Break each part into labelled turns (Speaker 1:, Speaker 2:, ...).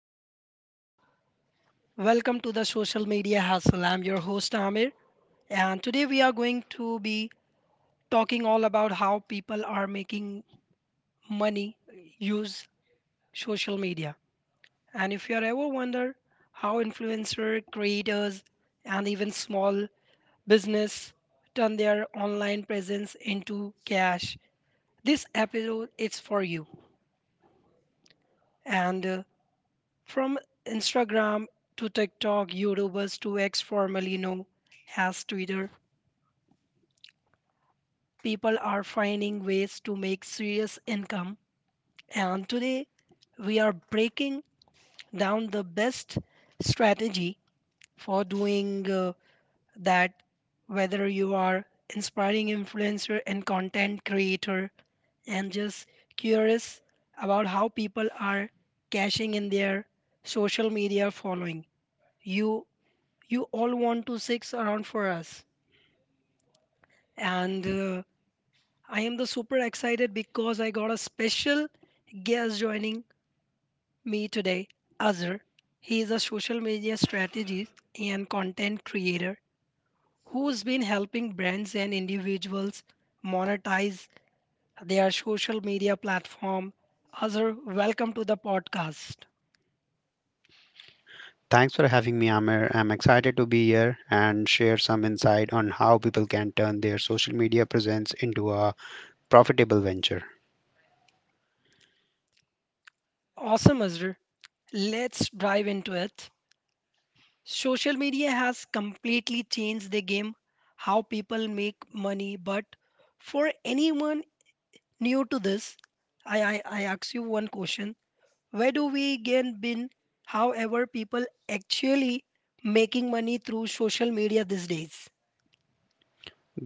Speaker 1: Hello everyone, welcome to the social media hustle. I'm your host Amir, and today we are going to be talking all about how people are making money use social media. And if you are ever wonder how influencer creators and even small business turn their online presence into cash, this episode is for you. And From Instagram to TikTok, YouTubers to X formerly known as Twitter, people are finding ways to make serious income. And today, we are breaking down the best strategy for doing that, whether you are inspiring influencer and content creator and just curious about how people are cashing in their social media following, you you all want to six around for us, and I am the super excited because I got a special guest joining me today, Azhar. He is a social media strategist and content creator who's been helping brands and individuals monetize their social media platform. Azhar, welcome to the podcast.
Speaker 2: Thanks for having me, Amir. I'm excited to be here and share some insight on how people can turn their social media presence into a profitable venture.
Speaker 1: Awesome, Azhar. Let's dive into it. Social media has completely changed the game, how people make money, but for anyone new to this, I ask you one question. Where do we again been, however, people actually making money through social media these days?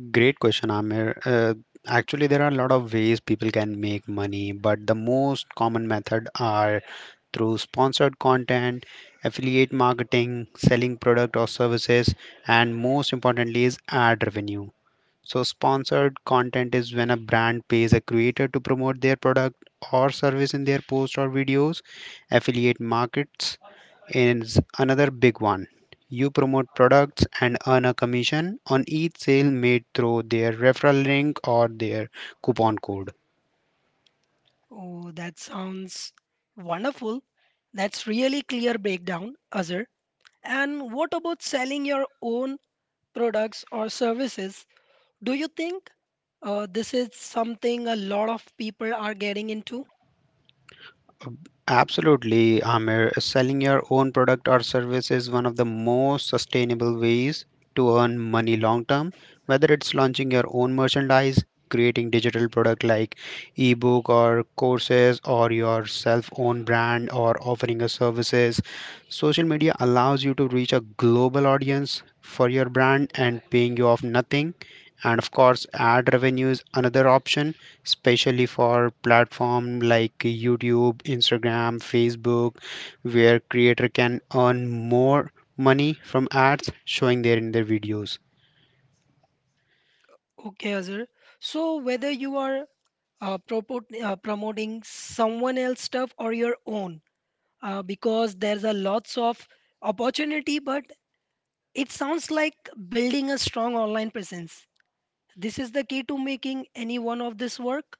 Speaker 2: Great question, Amir. Actually, there are a lot of ways people can make money, but the most common method are through sponsored content, affiliate marketing, selling product or services, and most importantly is ad revenue. So, sponsored content is when a brand pays a creator to promote their product or service in their posts or videos. Affiliate markets is another big one. You promote products and earn a commission on each sale made through their referral link or their coupon code.
Speaker 1: Oh, that sounds wonderful. That's really clear breakdown, Azhar. And what about selling your own products or services? Do you think this is something a lot of people are getting into?
Speaker 2: Absolutely, Amir. Selling your own product or service is one of the most sustainable ways to earn money long term. Whether it's launching your own merchandise, creating digital product like ebook or courses, or your self-owned brand, or offering a services, social media allows you to reach a global audience for your brand and paying you off nothing. And of course, ad revenue is another option, especially for platform like YouTube, Instagram, Facebook, where creator can earn more money from ads showing there in their videos.
Speaker 1: Okay, Azhar. So whether you are propot promoting someone else stuff or your own, because there's a lots of opportunity, but it sounds like building a strong online presence, this is the key to making any one of this work.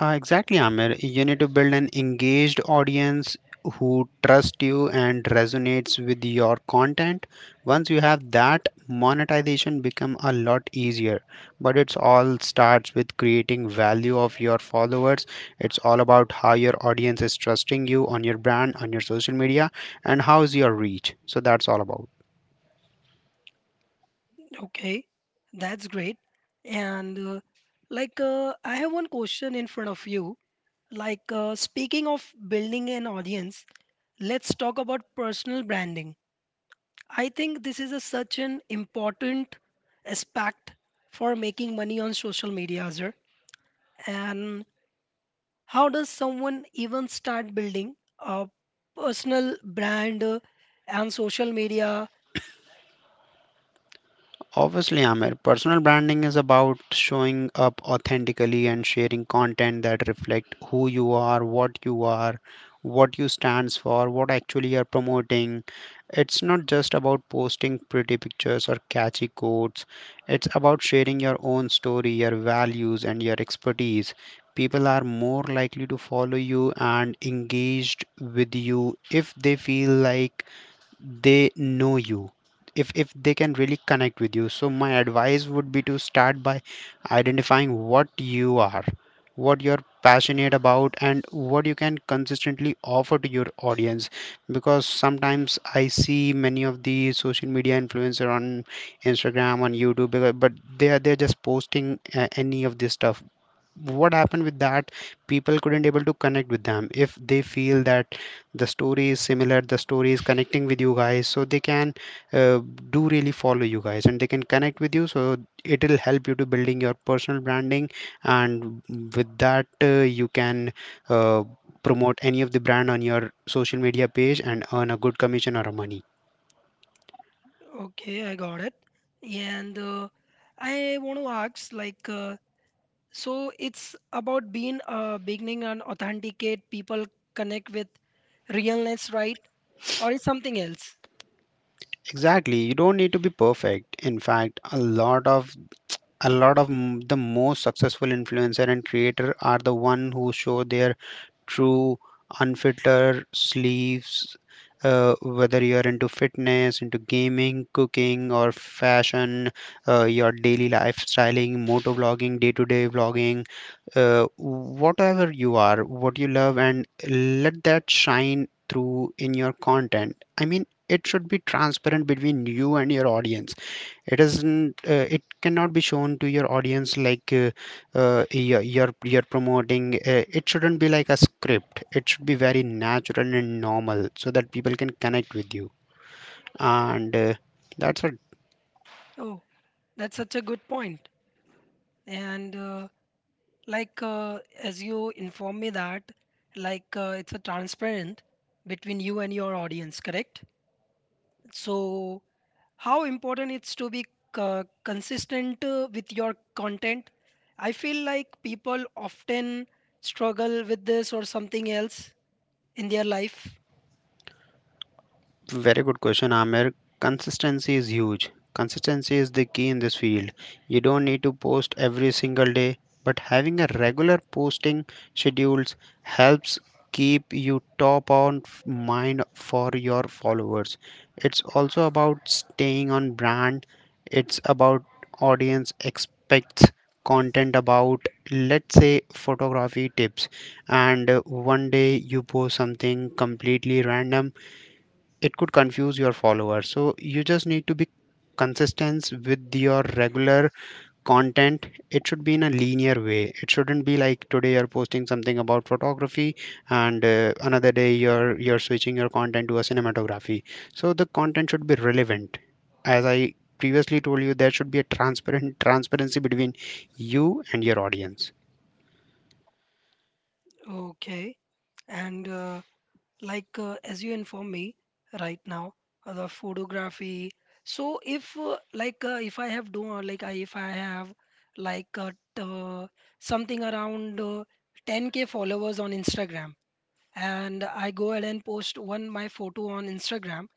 Speaker 2: Exactly, Amir. You need to build an engaged audience who trust you and resonates with your content. Once you have that, monetization become a lot easier. But it's all starts with creating value of your followers. It's all about how your audience is trusting you on your brand, on your social media, and how's your reach. So that's all about.
Speaker 1: Okay, that's great. And like, I have one question in front of you, like, speaking of building an audience, let's talk about personal branding. I think this is such an important aspect for making money on social media, Azhar. And how does someone even start building a personal brand and social media?
Speaker 2: Obviously, Amir, personal branding is about showing up authentically and sharing content that reflect who you are, what you are, what you stands for, what actually you're promoting. It's not just about posting pretty pictures or catchy quotes. It's about sharing your own story, your values, and your expertise. People are more likely to follow you and engaged with you if they feel like they know you, if they can really connect with you. So my advice would be to start by identifying what you are, what you're passionate about, and what you can consistently offer to your audience. Because sometimes I see many of the social media influencer on Instagram, on YouTube, because but they're just posting any of this stuff. What happened with that, people couldn't able to connect with them. If they feel that the story is similar, the story is connecting with you guys, so they can uh, do really follow you guys and they can connect with you. So it will help you to building your personal branding, and with that you can uh, promote any of the brand on your social media page and earn a good commission or a money.
Speaker 1: Okay, I got it. And I want to ask, like, so it's about being beginning and authenticate people connect with realness, right? Or is something else?
Speaker 2: Exactly, you don't need to be perfect. In fact, a lot of m- the most successful influencer and creator are the one who show their true unfiltered sleeves. Uh, whether you are into fitness, into gaming, cooking, or fashion, your daily lifestyling motor vlogging, day to day vlogging, uh, whatever you are, what you love, and let that shine through in your content. I mean, it should be transparent between you and your audience. It isn't, it cannot be shown to your audience like you're promoting. Uh, it shouldn't be like a script. It should be very natural and normal so that people can connect with you, and that's what.
Speaker 1: Oh, that's such a good point. And like, as you inform me that, like, it's a transparent between you and your audience, correct? So how important it's to be consistent with your content. I feel like people often struggle with this or something else in their life.
Speaker 2: Very good question, Amir. Consistency is huge. Consistency is the key in this field. You don't need to post every single day, but having a regular posting schedules helps keep you top on mind for your followers. It's also about staying on brand. It's about audience expects content about, let's say, photography tips. And one day you post something completely random, it could confuse your followers. So you just need to be consistent with your regular content. It should be in a linear way. It shouldn't be like today you're posting something about photography and another day you're switching your content to a cinematography. So the content should be relevant. As I previously told you, there should be a transparent transparency between you and your audience.
Speaker 1: Okay, and like, as you inform me right now, the photography. So if, like, if I have done like if I have like uh, t- uh, something around, 10K followers on Instagram, and I go ahead and post one my photo on Instagram.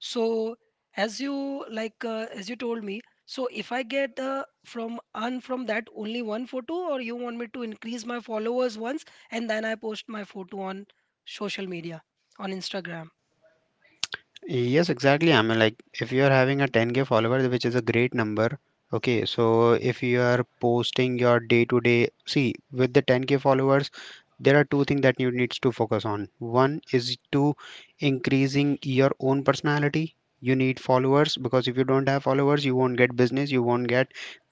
Speaker 1: So as you, like, as you told me, so if I get from earn from that only one photo, or you want me to increase my followers once and then I post my photo on social media on Instagram.
Speaker 2: Yes, exactly. I mean, like if you are having a 10K follower, which is a great number. Okay, so if you are posting your day to day, see, with the 10K followers, there are two things that you needs to focus on. One is to increasing your own personality. You need followers because if you don't have followers, you won't get business, you won't get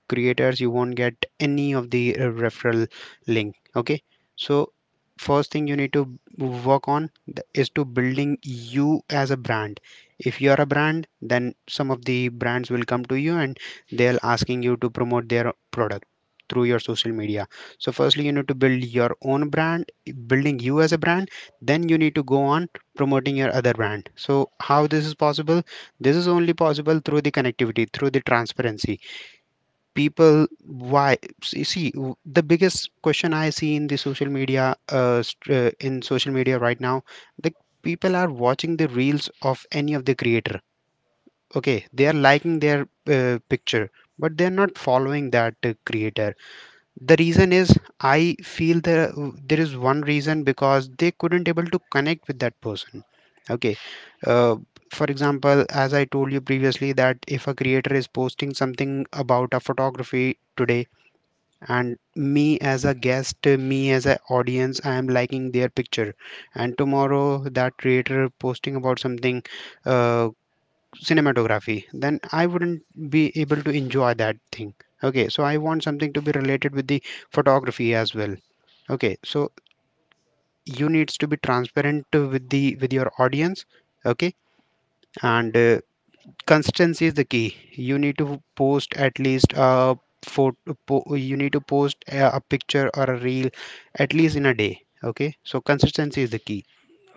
Speaker 2: creators, you won't get any of the referral link. Okay, so first thing you need to work on is to building you as a brand. If you are a brand, then some of the brands will come to you and they'll asking you to promote their product through your social media. So firstly you need to build your own brand, building you as a brand, then you need to go on promoting your other brand. So how this is possible? This is only possible through the connectivity, through the transparency. People, why? See, the biggest question I see in the social media st- in social media right now, the people are watching the reels of any of the creator. Okay, they are liking their picture, but they are not following that creator. The reason is, I feel there is one reason, because they couldn't able to connect with that person. Okay, uh, for example, as I told you previously, that if a creator is posting something about a photography today, and me as a guest, me as an audience, I am liking their picture. And tomorrow that creator posting about something uh, cinematography, then I wouldn't be able to enjoy that thing. Okay, so I want something to be related with the photography as well. Okay, so you needs to be transparent with your audience. Okay, and consistency is the key. You need to post at least a you need to post a picture or a reel at least in a day. Okay, so consistency is the key.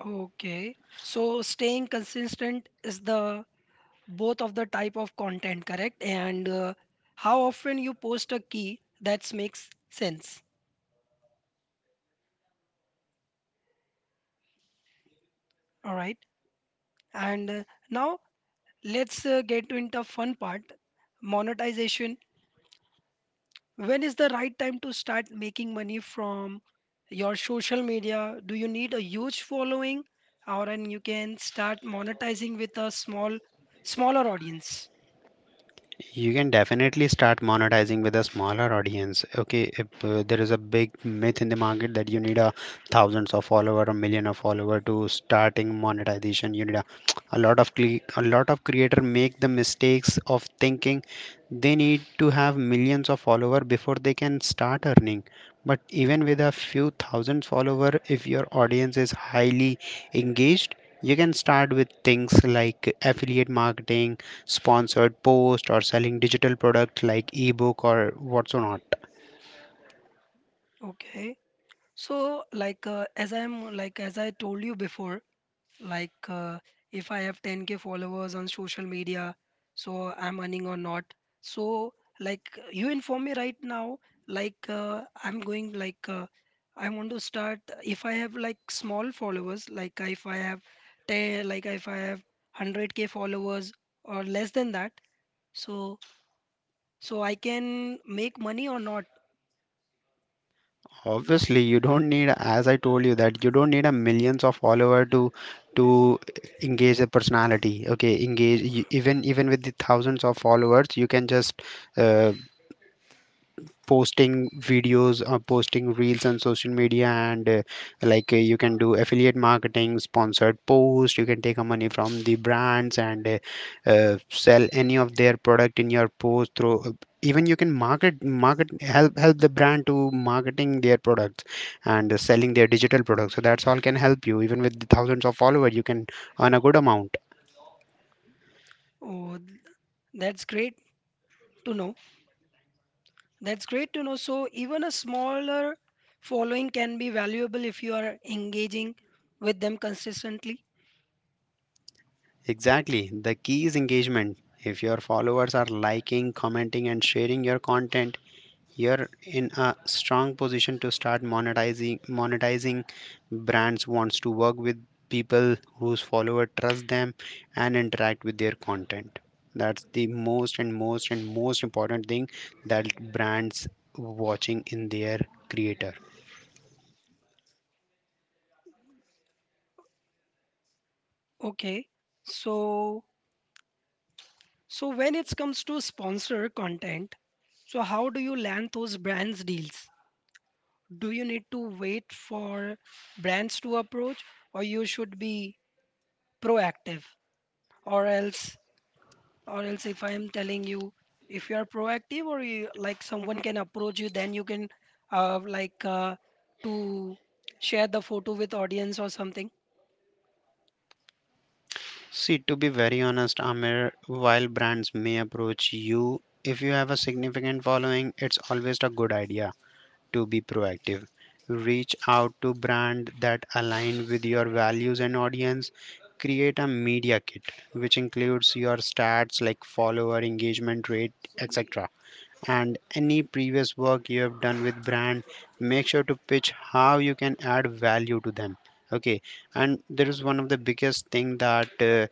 Speaker 1: Okay, so staying consistent is the both of the type of content, correct? And how often you post a key that makes sense. All right, and now let's get into the fun part, monetization. When is the right time to start making money from your social media? Do you need a huge following, or and you can start monetizing with smaller audience?
Speaker 2: You can definitely start monetizing with a smaller audience. Okay, if there is a big myth in the market that you need a thousands of follower, a million of follower to starting monetization. A lot of creator make the mistakes of thinking they need to have millions of follower before they can start earning. But even with a few thousand follower, if your audience is highly engaged, you can start with things like affiliate marketing, sponsored post, or selling digital product like ebook or what's not.
Speaker 1: Okay. So, like, as I'm like as I told you before, like, if I have 10K followers on social media, so I'm earning or not. So like you inform me right now, like, I'm going, like, I want to start if I have like small followers, like if I have 10, like if I have 100K followers or less than that, so so I can make money or not.
Speaker 2: Obviously you don't need, as I told you, that you don't need a millions of follower to engage a personality. Okay, even with the thousands of followers you can just uh, posting videos or posting reels on social media. And like you can do affiliate marketing, sponsored post, you can take a money from the brands and sell any of their product in your post through even you can market, help the brand to marketing their products, and selling their digital products. So that's all can help you even with the thousands of followers you can earn a good amount.
Speaker 1: oh th- that's great to know That's great to know. So, even a smaller following can be valuable if you are engaging with them consistently.
Speaker 2: Exactly. The key is engagement. If your followers are liking, commenting, and sharing your content, you're in a strong position to start monetizing. Brands wants to work with people whose follower trust them and interact with their content. That's the most and most and most important thing that brands watching in their creator.
Speaker 1: Okay. So, so, when it comes to sponsor content, so how do you land those brands deals? Do you need to wait for brands to approach, or you should be proactive, or else or else if I am telling you, if you are proactive, or you, like someone can approach you, then you can, like, to share the photo with audience or something.
Speaker 2: See, to be very honest, Amir, while brands may approach you, if you have a significant following, it's always a good idea to be proactive. Reach out to brands that align with your values and audience. Create a media kit, which includes your stats like follower, engagement rate, etc. And any previous work you have done with brand, make sure to pitch how you can add value to them. Okay, and there is one of the biggest thing that uh,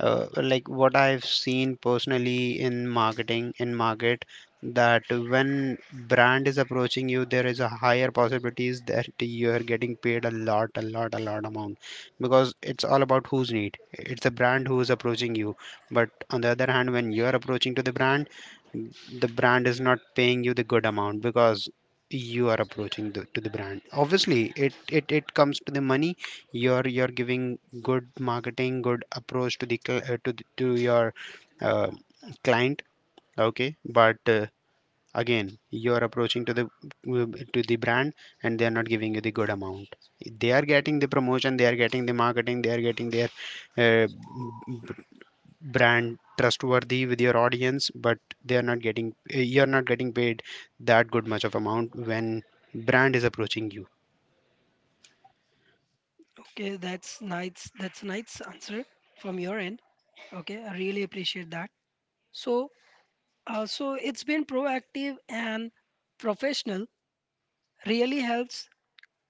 Speaker 2: uh, like what I've seen personally in market that when brand is approaching you there is a higher possibilities that you are getting paid a lot amount because it's all about who's need, it's the brand who is approaching you. But on the other hand, when you are approaching to the brand, the brand is not paying you the good amount because you are approaching to the brand. Obviously it comes to the money. You're giving good marketing, good approach to the cl- to, the, to your uh, client. Okay, but again you are approaching to the brand and they are not giving you the good amount. They are getting the promotion, they are getting the marketing, they are getting their uh, brand trustworthy with your audience, but they are not getting you are not getting paid that good much of amount when brand is approaching you.
Speaker 1: Okay, that's nice answer from your end. Okay, I really appreciate that. So so it's been proactive and professional really helps.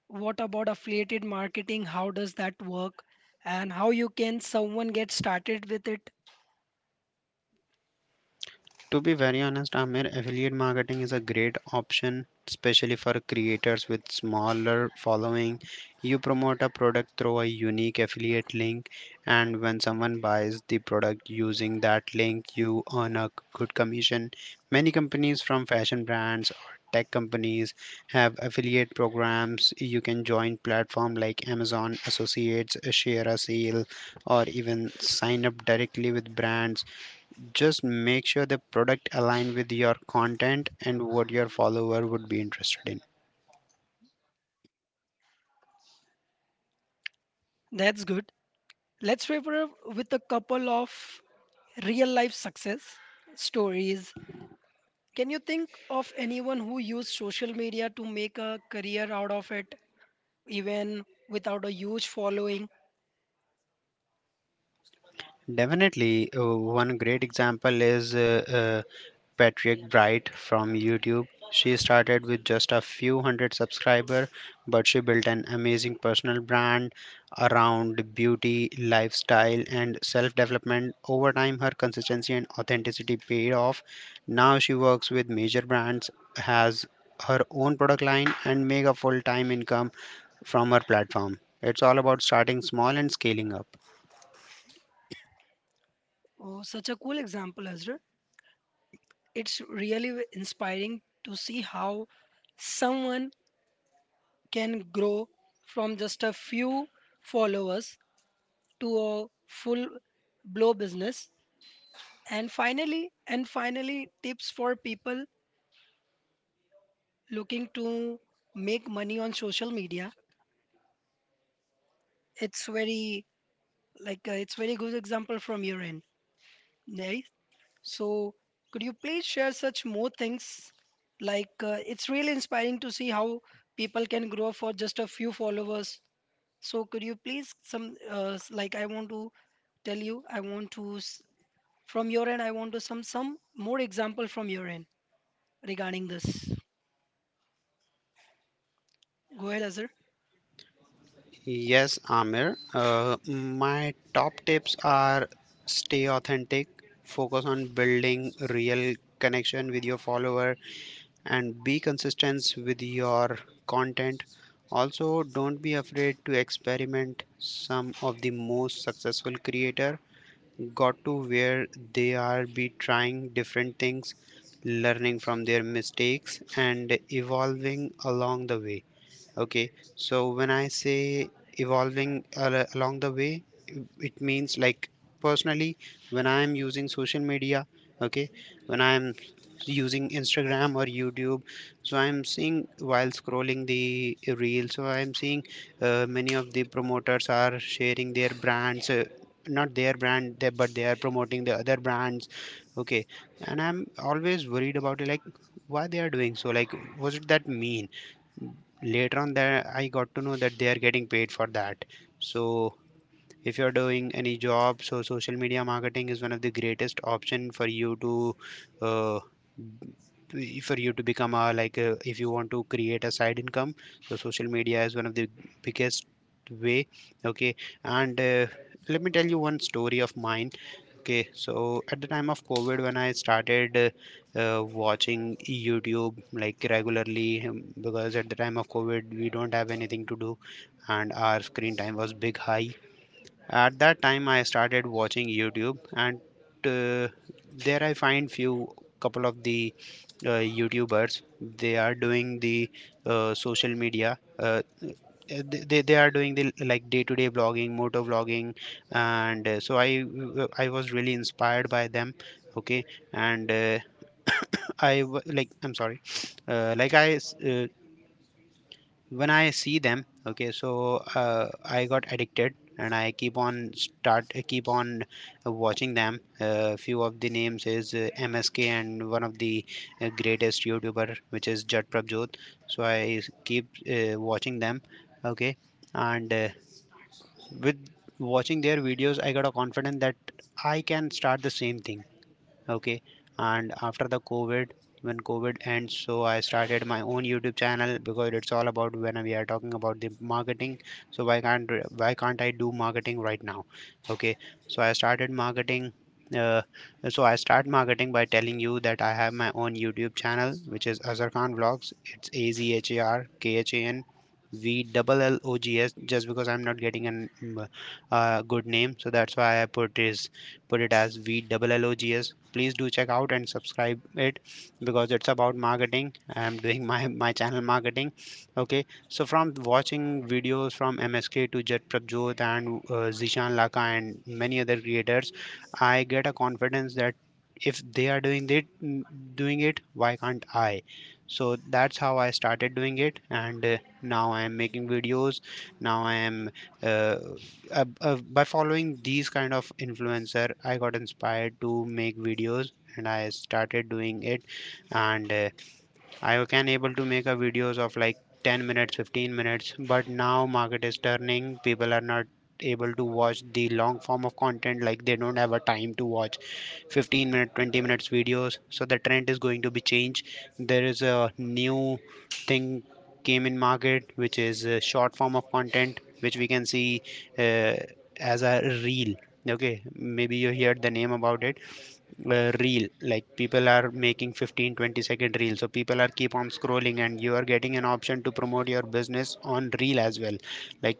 Speaker 1: What about affiliated marketing? How does that work, and how you can someone get started with it?
Speaker 2: To be very honest, Amir, affiliate marketing is a great option, especially for creators with smaller following. You promote a product through a unique affiliate link, and when someone buys the product using that link, you earn a good commission. Many companies, from fashion brands or tech companies, have affiliate programs. You can join platforms like Amazon Associates, Share A Sale, or even sign up directly with brands. Just make sure the product align with your content and what your follower would be interested in.
Speaker 1: That's good. Let's wrap it up with a couple of real life success stories. Can you think of anyone who used social media to make a career out of it, even without a huge following?
Speaker 2: Definitely, one great example is Patrick Bright from YouTube. She started with just a few hundred subscribers, but she built an amazing personal brand around beauty, lifestyle, and self development. Over time, her consistency and authenticity paid off. Now she works with major brands, has her own product line, and make a full time income from her platform. It's all about starting small and scaling up.
Speaker 1: Oh, such a cool example, Ezra. It's really inspiring to see how someone can grow from just a few followers to a full blow business. And finally, tips for people looking to make money on social media. It's very, like, it's very good example from your end, right? So could you please share such more things, like, it's really inspiring to see how people can grow for just a few followers. So could you please, some I want to tell you, I want to s- from your end, I want to some more example from your end regarding this. Go ahead, Azhar.
Speaker 2: Yes, Amir. My top tips are stay authentic, focus on building real connection with your follower, and be consistent with your content. Also, don't be afraid to experiment. Some of the most successful creator got to where they are be trying different things, learning from their mistakes and evolving along the way. Okay, so when I say evolving along the way, it means like personally when I am using social media, okay, when I am using Instagram or YouTube, so I am seeing while scrolling the reel, so I am seeing many of the promoters are sharing their brands, not their brand but they are promoting the other brands. Okay, and I'm always worried about it, like why they are doing so. Like, was it that mean? Later on there I got to know that they are getting paid for that. So if you're doing any job, so social media marketing is one of the greatest option for you to uh, for you to become a, like a, if you want to create a side income, so social media is one of the biggest way. Okay, and let me tell you one story of mine. Okay, so at the time of COVID when I started watching YouTube like regularly, because at the time of COVID we don't have anything to do and our screen time was big high. At that time, I started watching YouTube, and uh, there I find few couple of the YouTubers. They are doing the social media. They are doing the like day to day vlogging, motor vlogging, and so I was really inspired by them. Okay, and I'm sorry. uh, like i s- uh, when I see them, okay, so I got addicted and I keep on watching them. Few of the names is MSK and one of the greatest youtuber which is Jat Prabjot. So I keep watching them. Okay, and with watching their videos, I got a confidence that I can start the same thing. Okay, and after the COVID, when COVID ends, so I started my own YouTube channel, because it's all about when we are talking about the marketing, so why can't, why can't I do marketing right now? Okay, so I started marketing. uh, so I start marketing by telling you that I have my own YouTube channel which is Azhar Khan Vlogs. It's a z h a r k h a n v double l o g s just because I'm not getting an mm, good name, so that's why I put it as VLLOGS. Please do check out and subscribe it because it's about marketing. I'm doing my channel marketing. Okay, so from watching videos from MSK to Jet Prabjot and Zishan Laka and many other creators, I get a confidence that if they are doing it, why can't I? So that's how I started doing it, and now I am making videos. Now I am uh, by following these kind of influencer, I got inspired to make videos and I started doing it. And I can able to make a videos of like 10 minutes, 15 minutes, but now market is turning. People are not able to watch the long form of content, like they don't have a time to watch 15 minute 20 minutes videos, so the trend is going to be changed. There is a new thing came in market which is a short form of content which we can see uh, as a reel. Okay, maybe you heard the name about it. Reel, like people are making 15 20 second reel, so people are keep on scrolling and you are getting an option to promote your business on reel as well. Like,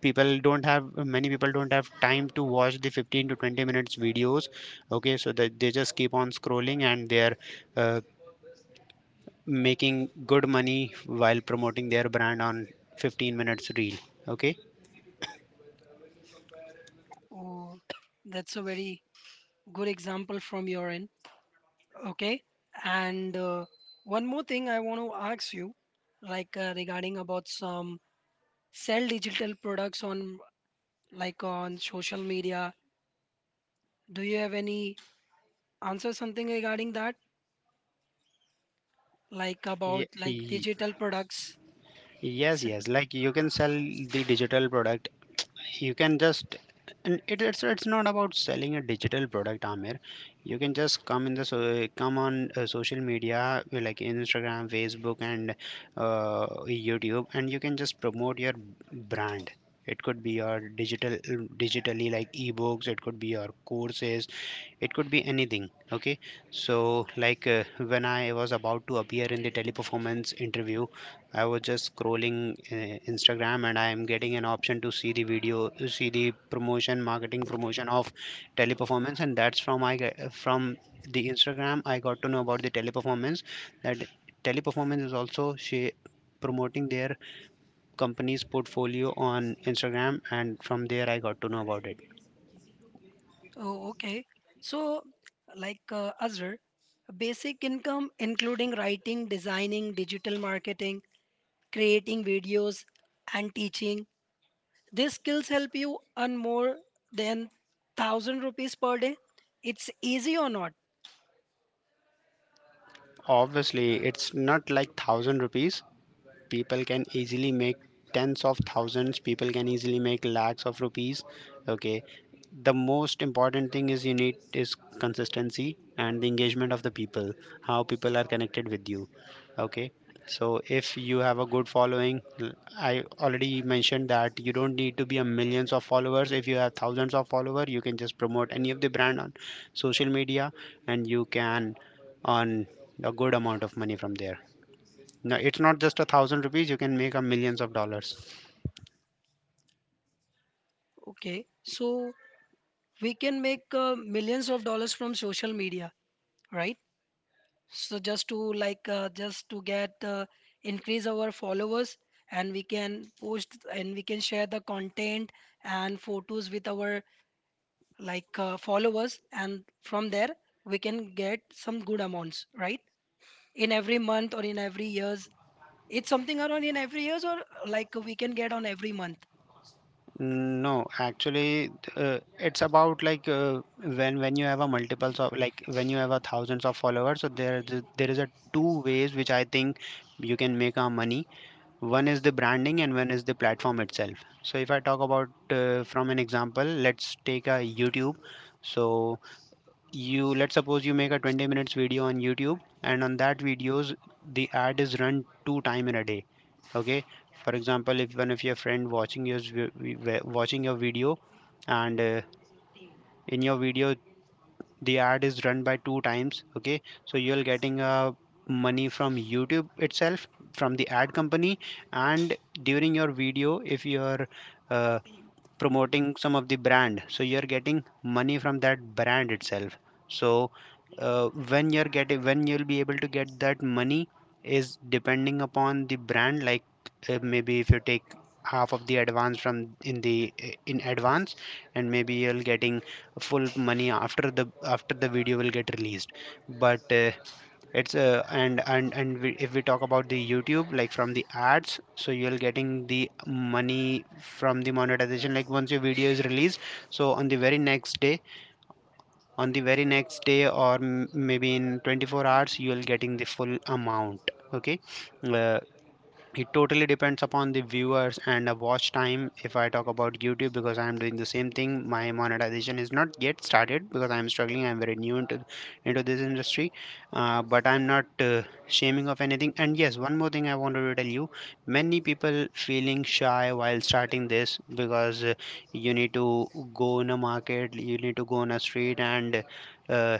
Speaker 2: people don't have, many people don't have time to watch the 15 to 20 minutes videos. Okay, so that they just keep on scrolling and they are uh, making good money while promoting their brand on 15 minutes reel. Okay.
Speaker 1: Oh, that's a very good example from your end. Okay, and one more thing I want to ask you, like, regarding about some sell digital products on, like on social media. Do you have any answer something regarding that? Like,
Speaker 2: Yeah,
Speaker 1: about like digital products.
Speaker 2: yes,
Speaker 1: S-
Speaker 2: yes. Like, you can sell the digital product. You can just, and it's not about selling a digital product, Amir. You can just come in the so come on social media like Instagram, Facebook, and YouTube, and you can just promote your brand. It could be your digitally like ebooks. It could be your courses, it could be anything. Okay, so like when I was about to appear in the Teleperformance interview, I was just scrolling Instagram and I am getting an option to see the video, see the promotion, marketing promotion of Teleperformance, and that's from the Instagram I got to know about the Teleperformance. That Teleperformance is also she promoting their company's portfolio on Instagram, and from there I got to know about it.
Speaker 1: Oh, okay. So like, Azhar, basic income including writing, designing, digital marketing, creating videos, and teaching, these skills help you earn more than 1,000 rupees per day. It's easy or not?
Speaker 2: Obviously, it's not like thousand rupees. People can easily make tens of thousands, people can easily make lakhs of rupees. Okay, the most important thing is you need is consistency and the engagement of the people, how people are connected with you. Okay, so if you have a good following. I already mentioned that you don't need to be a millions of followers. If you have thousands of followers, you can just promote any of the brand on social media and you can earn a good amount of money from there. No, it's not just a thousand rupees. You can make a millions of dollars.
Speaker 1: Okay. So we can make millions of dollars from social media, right? So just to, like, just to get increase our followers, and we can post and we can share the content and photos with our, like, followers, and from there we can get some good amounts, right? In every month or in every year? It's something around in every years, or like we can get on every month.
Speaker 2: No, actually, it's about like when you have a multiples of, like when you have a thousands of followers. So there is a two ways which I think you can make our money. One is the branding and one is the platform itself. So if I talk about from an example, let's take a YouTube. So you, let's suppose you make a 20 minutes video on YouTube, and on that videos the ad is run two time in a day. Okay, for example, if one of your friend watching your watching your video, and in your video the ad is run by two times, okay, so you're getting money from YouTube itself, from the ad company, and during your video if your uh, promoting some of the brand, so you're getting money from that brand itself. So uh, when you're getting, when you'll be able to get that money is depending upon the brand. Like maybe if you take half of the advance from, in the in advance, and maybe you'll getting full money after the video will get released. But it's and we, if we talk about the YouTube, like from the ads, so you're getting the money from the monetization like once your video is released. So on the very next day, or maybe in 24 hours you'll getting the full amount. Okay. uh, it totally depends upon the viewers and the watch time if I talk about YouTube, because I am doing the same thing. My monetization is not yet started because I am struggling, I am very new into this industry. But I'm not shaming of anything. And yes, one more thing I wanted to tell you, many people feeling shy while starting this because you need to go in a market, you need to go on a street, and uh,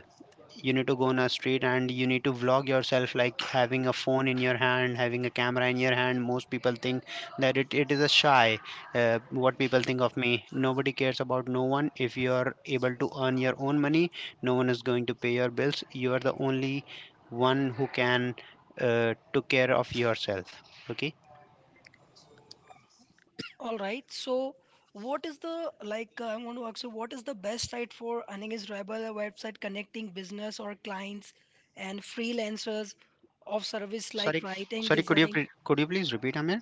Speaker 2: you need to go on a street and you need to vlog yourself like having a phone in your hand, having a camera in your hand. Most people think that it is a shy, what people think of me. Nobody cares about no one. If you are able to earn your own money, no one is going to pay your bills. You are the only one who can took care of yourself. Okay.
Speaker 1: All right. So what is the, like, I want to ask you, what is the best site for earning? Is Rebel a website connecting business or clients and freelancers of service
Speaker 2: Sorry,
Speaker 1: like writing,
Speaker 2: sorry,
Speaker 1: design?
Speaker 2: could you please repeat, Amir?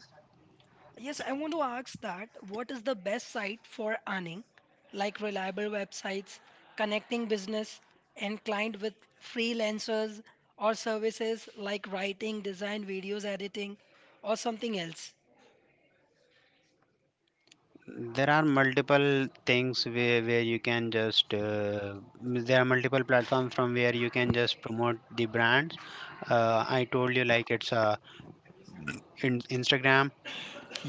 Speaker 1: Yes, I want to ask that, what is the best site for earning, like reliable websites connecting business and client with freelancers or services like writing, design, videos editing, or something else?
Speaker 2: There are multiple things where you can just there are multiple platforms from where you can just promote the brands. I told you like it's Instagram.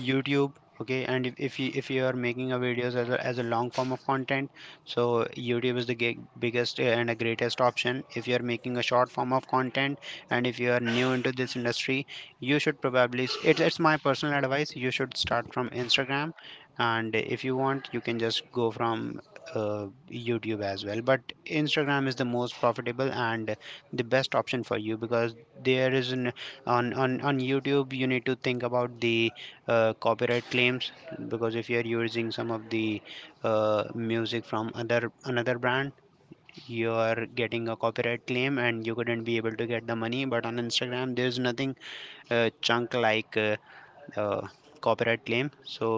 Speaker 2: YouTube. Okay, and if you, if you are making a videos as a long form of content, so YouTube is the biggest and a greatest option. If you are making a short form of content and if you are new into this industry, you should it's my personal advice, you should start from Instagram. And if you want you can just go from YouTube as well, but Instagram is the most profitable and the best option for you because there is an, on YouTube you need to think about the copyright claims, because if you are using some of the music from other another brand, you are getting a copyright claim and you couldn't be able to get the money. But on Instagram there's nothing chunk like uh, copyright claim, so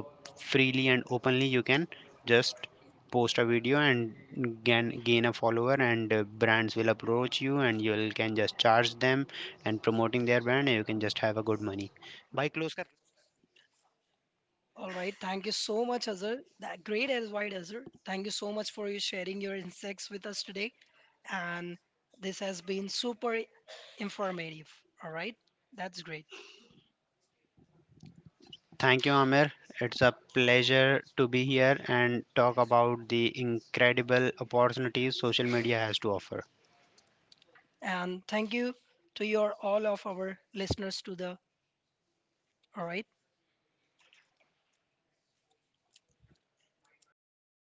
Speaker 2: freely and openly you can just post a video and gain a follower, and brands will approach you and you will can just charge them and promoting their brand and you can just have a good money. Bhai close.
Speaker 1: All right. Thank you so much, Azhar. That great advice, Azhar. Thank you so much for you sharing your insights with us today. And this has been super informative. All right. That's great.
Speaker 2: Thank you, Amir. It's a pleasure to be here and talk about the incredible opportunities social media has to offer.
Speaker 1: And thank you to your all of our listeners to the, all right.